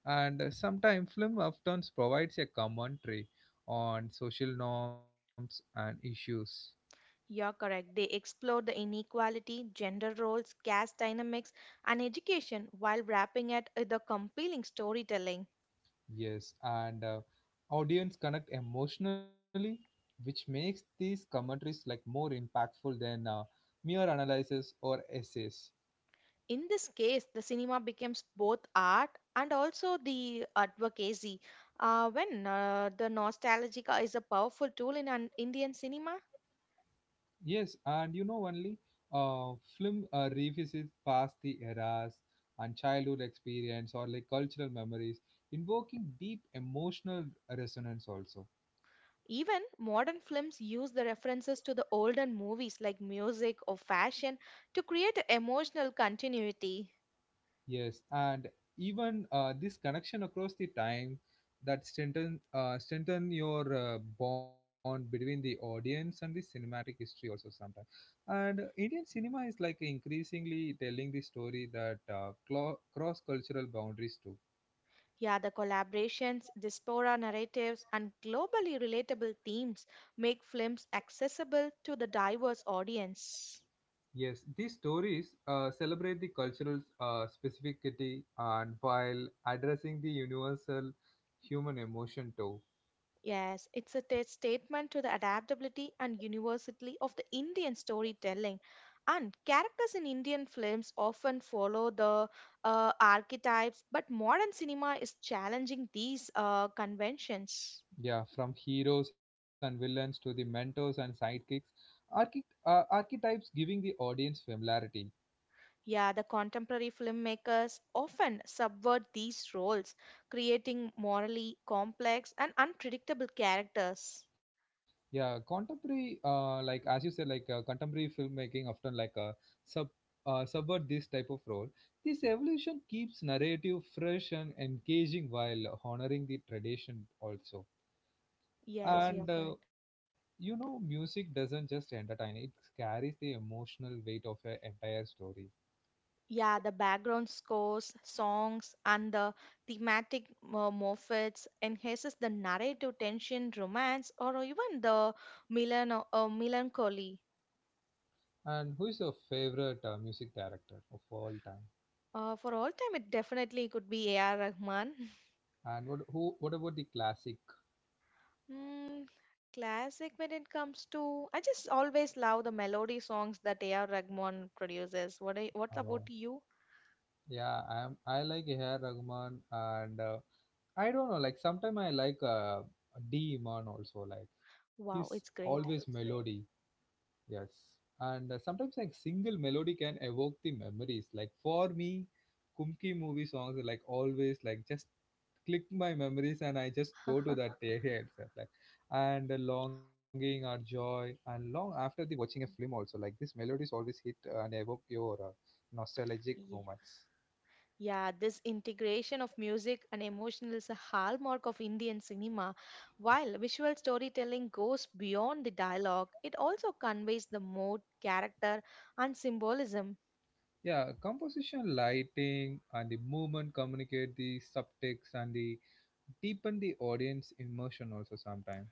And sometimes film often provides a commentary on social norms and issues. You're correct. They explore the inequality, gender roles, caste dynamics, and education while wrapping it with a compelling storytelling. Yes, and audience connect emotionally, which makes these commentaries like more impactful than mere analysis or essays. In this case, the cinema becomes both art and also the advocacy. When The nostalgia is a powerful tool in an Indian cinema. Yes, and you know only film revisits past the eras and childhood experience or like cultural memories, invoking deep emotional resonance also. Even modern films use the references to the older movies like music or fashion to create a emotional continuity. Yes, and even this connection across the time that strengthen your bond between the audience and the cinematic history also sometimes. And Indian cinema is like increasingly telling the story that cross-cultural boundaries too. Yeah, the collaborations, diaspora narratives, and globally relatable themes make films accessible to the diverse audience. Yes, these stories celebrate the cultural specificity and while addressing the universal human emotion too. Yes, it's a statement to the adaptability and universality of the Indian storytelling. And characters in Indian films often follow the archetypes, but modern cinema is challenging these conventions. Yeah, from heroes and villains to the mentors and sidekicks, archi- archetypes giving the audience familiarity. Yeah, the contemporary filmmakers often subvert these roles, creating morally complex and unpredictable characters. Yeah, contemporary, like as you said, like contemporary filmmaking often like sub subvert this type of role. This evolution keeps narrative fresh and engaging while honoring the tradition also. Yes, you're And correct. you know, music doesn't just entertain; it carries the emotional weight of an entire story. Yeah, the background scores, songs, and the thematic motifs enhances the narrative tension, romance, or even the melancholy. And who is your favorite music director of all time? For all time, it definitely could be A.R. Rahman. (laughs) And what who what about the classic? Mm, classic when it comes to, I just always love the melody songs that A.R. Rahman produces. What Uh, about you? yeah, I like A.R. Rahman and I don't know. Like sometimes I like D. Iman also. Like Wow, he's, it's oh, great. always that's great melody. Yes, and sometimes like single melody can evoke the memories. Like for me, Kumki movie songs are like always like just click my memories and I just go to that area itself. Like, and the longing or joy, and long after the watching a film also. Like this melodies always hit and evoke your nostalgic (laughs) moments. Yeah, this integration of music and emotion is a hallmark of Indian cinema. While visual storytelling goes beyond the dialogue, it also conveys the mood, character, and symbolism. Yeah, composition, lighting, and the movement communicate the subtext and the deepen the audience immersion also sometimes.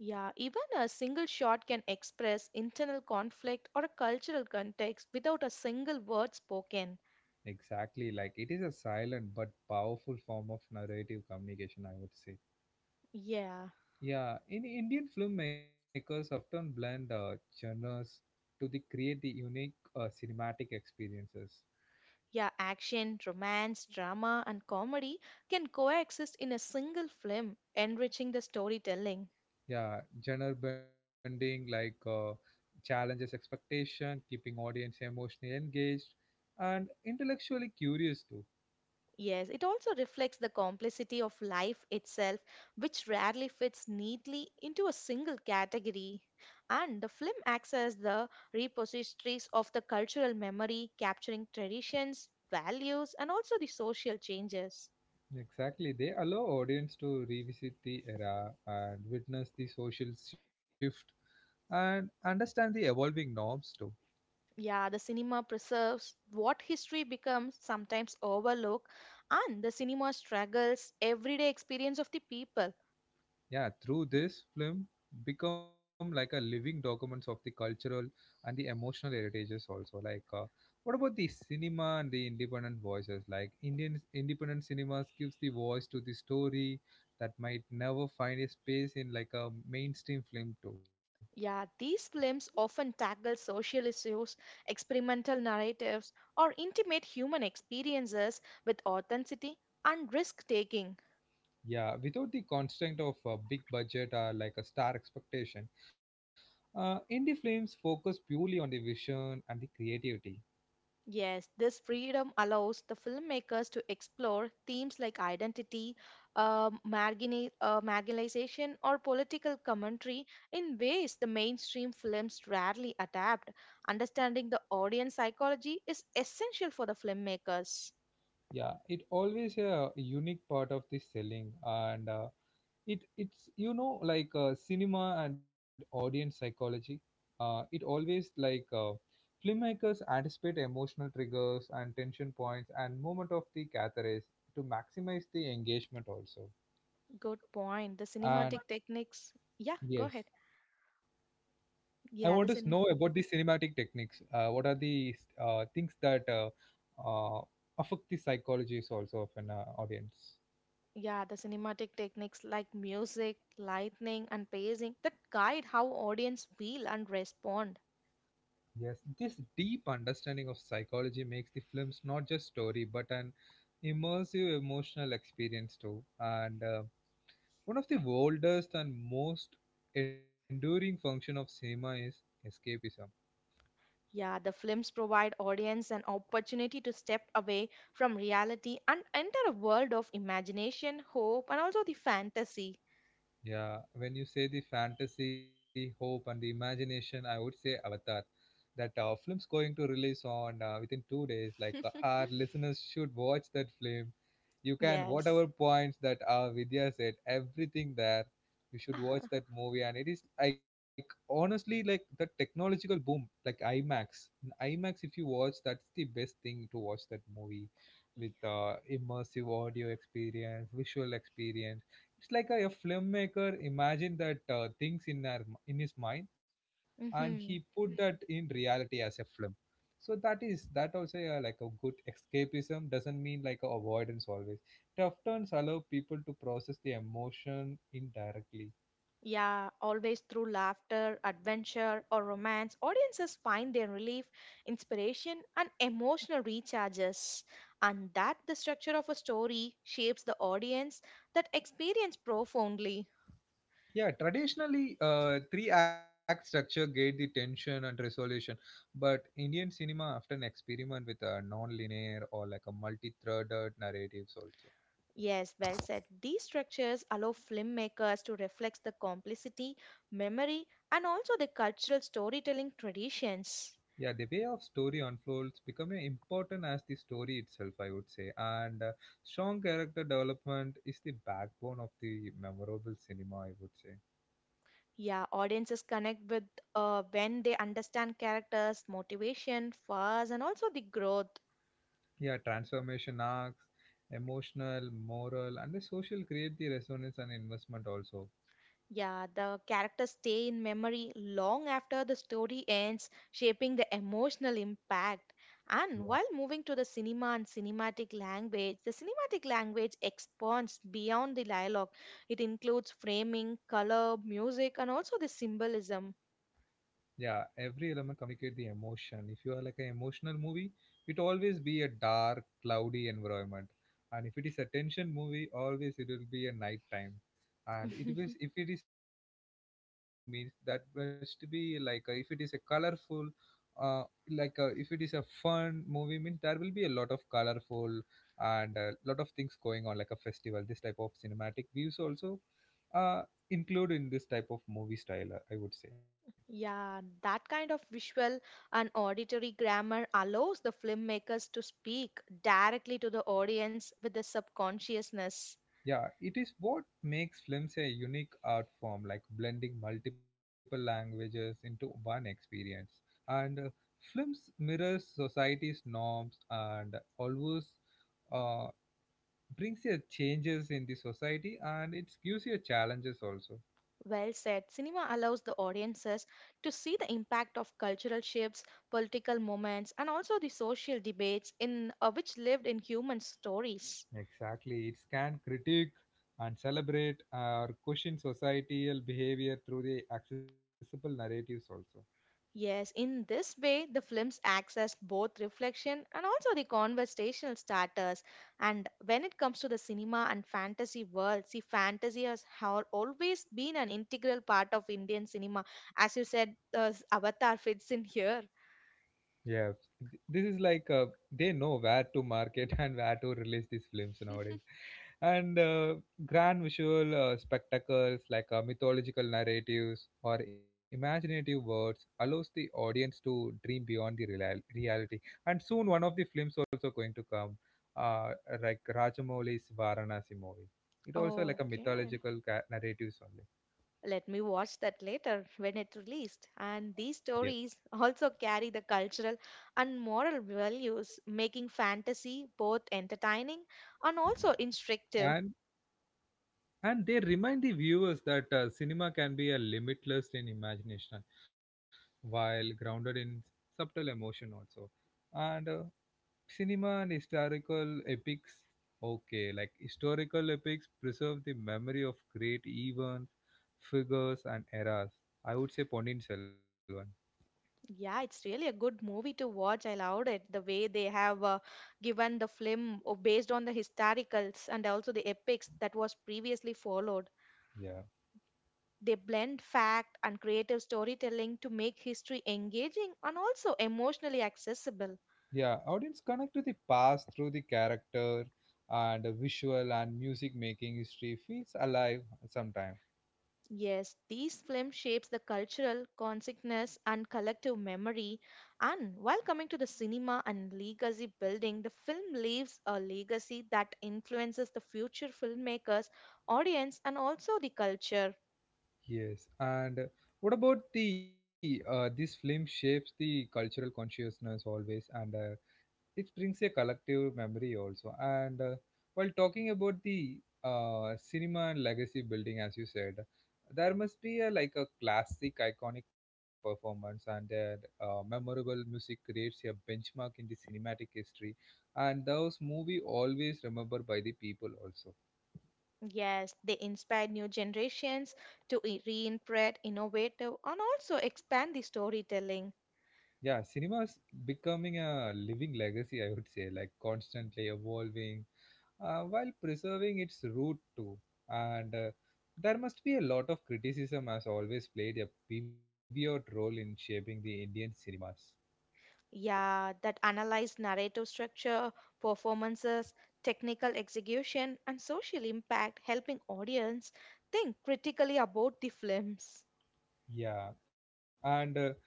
Yeah, even a single shot can express internal conflict or a cultural context without a single word spoken. Exactly, like it is a silent but powerful form of narrative communication, I would say. Yeah. Yeah, in Indian filmmakers often blend genres to the create the unique cinematic experiences. Yeah, action, romance, drama, and comedy can coexist in a single film, enriching the storytelling. Yeah, genre bending like challenges expectation, keeping audience emotionally engaged, and intellectually curious too. Yes, it also reflects the complexity of life itself, which rarely fits neatly into a single category. And the film acts as the repositories of the cultural memory, capturing traditions, values, and also the social changes. Exactly, they allow audience to revisit the era and witness the social shift and understand the evolving norms too. Yeah, the cinema preserves what history becomes sometimes overlooked, and the cinema struggles everyday experience of the people. Yeah, through this film become like a living documents of the cultural and the emotional heritages also. What about the cinema and the independent voices, like Indian independent cinemas gives the voice to the story that might never find a space in like a mainstream film too. Yeah, these films often tackle social issues, experimental narratives, or intimate human experiences with authenticity and risk taking. Yeah, without the constraint of a big budget or like a star expectation, indie films focus purely on the vision and the creativity. Yes, this freedom allows the filmmakers to explore themes like identity, marginalization, or political commentary in ways the mainstream films rarely adapt. Understanding the audience psychology is essential for the filmmakers. Yeah, it always a unique part of this selling, and it it's you know like cinema and audience psychology. It always like filmmakers anticipate emotional triggers and tension points and moment of the catharsis to maximize the engagement also. Good point. The And cinematic techniques. Yeah, go yes, ahead. I want to Yeah, know the about cin- the cinematic techniques. What are the things that uh, affect the psychologies also of an audience? yeah, the cinematic techniques like music, lightning, and pacing that guide how audience feel and respond. Yes, this deep understanding of psychology makes the films not just story but an immersive emotional experience too. And one of the oldest and most enduring function of cinema is escapism. Yeah, the films provide audience an opportunity to step away from reality and enter a world of imagination, hope, and also the fantasy. Yeah, when you say the fantasy, hope, and the imagination, I would say Avatar. That film's going to release on within 2 days. Like our listeners should watch that film. You can Yes. whatever points that Vidya said, everything there. You should watch (laughs) that movie, and it is like honestly like the technological boom, like IMAX. In IMAX, if you watch, that's the best thing to watch that movie with immersive audio experience, visual experience. It's like a filmmaker imagine that things in our in his mind and he put hmm that in reality as a film. So that is that also like a good escapism doesn't mean like a avoidance always. It often allow people to process the emotion indirectly. Yeah, always through laughter, adventure, or romance, audiences find their relief, inspiration, and emotional recharges. And that the structure of a story shapes the audience that experience profoundly. Yeah, traditionally three act structure gave the tension and resolution, but Indian cinema often experiment with a non-linear or like a multi-threaded narratives also. Yes, well said. These structures allow filmmakers to reflect the complexity, memory, and also the cultural storytelling traditions. Yeah, the way of story unfolds becoming important as the story itself, I would say. And strong character development is the backbone of the memorable cinema, I would say. Yeah, audiences connect with when they understand characters, motivation, flaws, and also the growth. Yeah, transformation arcs, emotional, moral, and the social create the resonance and investment also. Yeah, the characters stay in memory long after the story ends, shaping the emotional impact. And while moving to the cinema and cinematic language, the cinematic language expands beyond the dialogue. It includes framing, color, music, and also the symbolism. Yeah, every element communicate the emotion. If you are like an emotional movie, it always be a dark cloudy environment, and if it is a tension movie always it will be a night time. And it was if it is a thematic meaning means that must be like a, if it is a colorful uh, like a, if it is a fun movie means there will be a lot of colorful and a lot of things going on like a festival, this type of cinematic views also uh, include in this type of movie style, I would say. Yeah, that kind of visual and auditory grammar allows the filmmakers to speak directly to the audience with the subconsciousness. Yeah, it is what makes films a unique art form, like blending multiple languages into one experience. And films mirrors society's norms and always uh, brings you changes in the society and it gives you challenges also. Well said. Cinema allows the audiences to see the impact of cultural shifts, political moments, and also the social debates in which lived in human stories. Exactly, it can critique and celebrate or question societal behavior through the accessible narratives also. Yes, in this way, the films acts as both reflection and also the conversational starters. And when it comes to the cinema and fantasy world, see, always been an integral part of Indian cinema. As you said, Avatar fits in here. Yeah, this is like they know where to market (laughs) and where to release these films nowadays. (laughs) And grand visual spectacles like mythological narratives or imaginative words allows the audience to dream beyond the reality. And soon one of the films also going to come, uh, like Rajamouli's Varanasi movie. It also like a Okay. Narratives only. Let me watch that later when it released. And Yeah, these stories (laughs) also carry the cultural and moral values, making fantasy both entertaining and also instructive. and they remind the viewers that cinema can be a limitless in imagination while grounded in subtle emotion also. And cinema and historical epics, okay, like historical epics preserve the memory of great events, figures and eras. I would say Ponin Selvan. Yeah, it's really a good movie to watch. I loved it. The way they have given the film based on the historicals and also the epics that was previously followed. Yeah, They blend fact and creative storytelling to make history engaging and also emotionally accessible. yeah, audience connect to the past through the character and the visual and music making history feels alive sometimes. Yes, these films shapes the cultural consciousness and collective memory. And while coming to the cinema and legacy building, the film leaves a legacy that influences the future filmmakers, audience, and also the culture. Yes, and what about the this film shapes the cultural consciousness always, and it brings a collective memory also. And while talking about the cinema and legacy building, as you said, there must be a like a classic, iconic performance, and that memorable music creates a benchmark in the cinematic history, and those movie always remembered by the people also. Yes, they inspire new generations to reinterpret, innovative, and also expand the storytelling. Yeah, cinema is becoming a living legacy, I would say, like constantly evolving while preserving its root too. And there must be a lot of criticism has always played a pivot role in shaping the Indian cinemas. Yeah, that analyze narrative structure, performances, technical execution, and social impact, helping audience think critically about the films. Yeah, and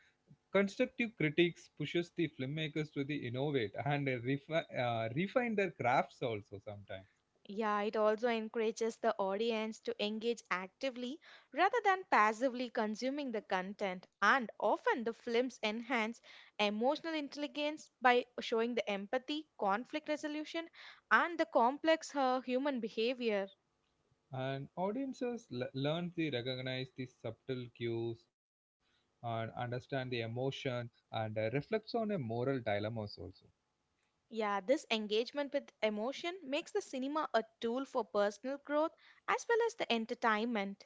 constructive critics pushes the filmmakers to the innovate and refine their crafts also sometimes. Yeah, it also encourages the audience to engage actively rather than passively consuming the content. And often the films enhance emotional intelligence by showing the empathy, conflict resolution, and the complex human behavior. And audiences learn to recognize these subtle cues and understand the emotion and reflects on a moral dilemmas also. Yeah, this engagement with emotion makes the cinema a tool for personal growth as well as the entertainment.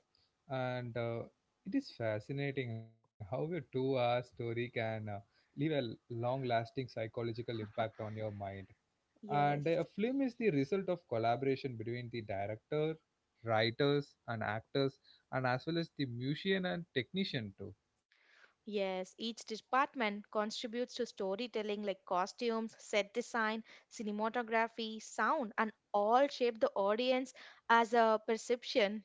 And it is fascinating how a two-hour story can leave a long-lasting psychological impact on your mind. And a Yes. film is the result of collaboration between the director, writers and actors and as well as the musician and technician too. Yes, each department contributes to storytelling like costumes, set design, cinematography, sound, and all shape the audience as a perception.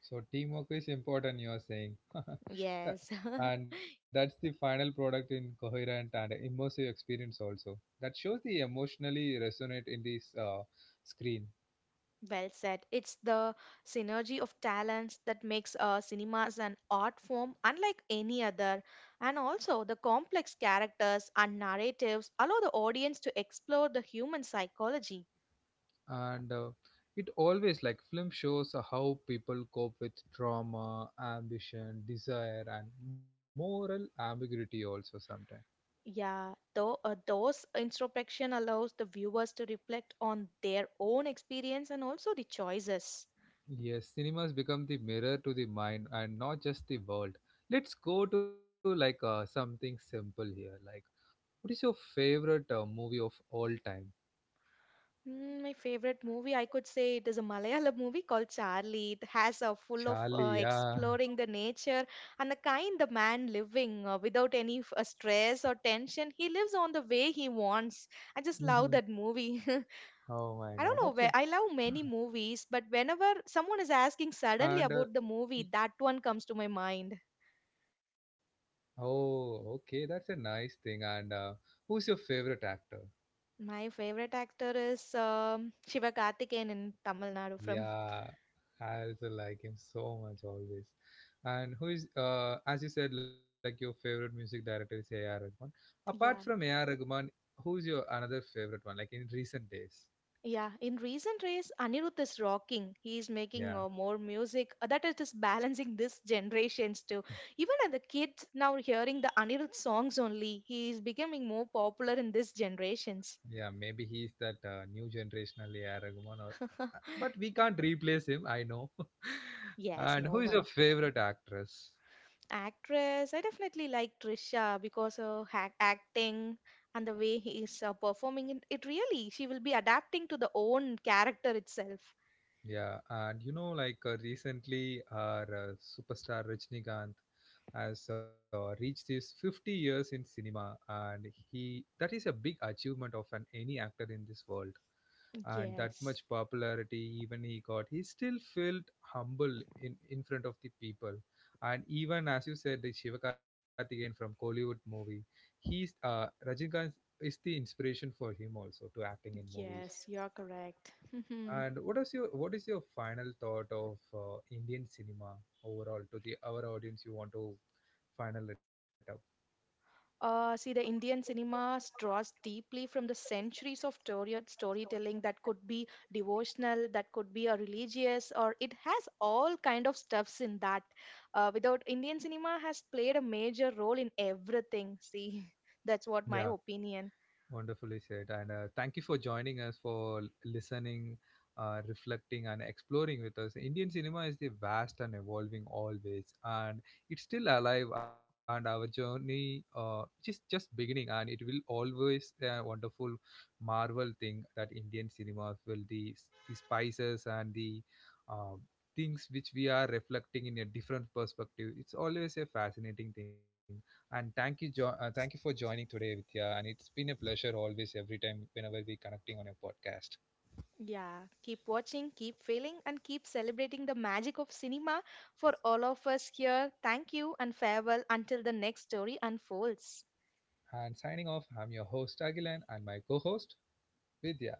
So teamwork is important, you are saying. (laughs) Tha- Yes. (laughs) and that's the final product in coherent and immersive experience also. That shows the emotionally resonate in this screen. Well said. It's the synergy of talents that makes cinemas an art form unlike any other. And also, the complex characters and narratives allow the audience to explore the human psychology. And it always like film shows how people cope with trauma, ambition, desire and moral ambiguity also sometimes. Yeah, though those introspection allows the viewers to reflect on their own experience and also the choices. Yes, cinemas become the mirror to the mind and not just the world. Let's go to like something simple here like, what is your favorite movie of all time? Mm, my favorite movie, I could say it is a Malayalam movie called Charlie. It has a full of Charlie, yeah. exploring the nature and the kind the man living without any f- stress or tension. He lives on the way he wants. I just love that Mhm. movie. (laughs) I Oh don't my know God, where I that's it. love many movies, but whenever Mhm. someone is asking suddenly And about the movie, y- that one comes to my mind. oh, okay, that's a nice thing. And who's your favorite actor? My favorite actor is Shiva Karthikeyan in Tamil Nadu from. Yeah, I also like him so much always. And who is, as you said, like your favorite music director is A.R. Rahman. Apart (laughs) from Yeah. A.R. Rahman, who's your another favorite one, like in recent days? Yeah, in recent days, Anirudh is rocking. He is making Yeah. More music that is just (laughs) balancing this generations too. Even at the kids now hearing the Anirudh songs only, he is becoming more popular in this generations. Yeah, maybe he's that new generational A.R. Rahman or (laughs) but we can't replace him, I know. (laughs) Yes, And no who is your one. favorite actress? Actress, I definitely like Trisha because her hac acting and the way he is performing it, it really, she will be adapting to the own character itself. Yeah, and you know, like recently our superstar Rajnikanth has reached his 50 years in cinema, and he that is a big achievement of an any actor in this world. And that much Yes, popularity even he got, he still felt humble in front of the people. And even as you said the Shivakarthikeyan from Kollywood movie, he's Rajinikanth is the inspiration for him also to acting in movies. yes, you're correct. (laughs) Correct. And what is your final thought of Indian cinema overall to the our audience you want to final it See, the Indian cinema draws deeply from the storytelling that could be devotional, that could be a religious, or it has all kind of stuffs in that. Without Indian cinema has played a major role in everything. See, (laughs) that's what up? my opinion. Wonderfully said. And thank you for joining us, for listening, reflecting, and exploring with us. Indian cinema is the vast and evolving always, and it's still alive. And our journey, just beginning, and it will always a wonderful marvel thing that Indian cinema will the the spices and the uh, things which we are reflecting in a different perspective. It's always a fascinating thing. And thank you, thank you for joining today, Vidya. And it's been a pleasure always, every time, whenever we connecting on a podcast. Yeah, keep watching, keep feeling, and keep celebrating the magic of cinema for all of us here. Thank you and farewell until the next story unfolds. And signing off, I'm your host Agilan and my co-host Vidya.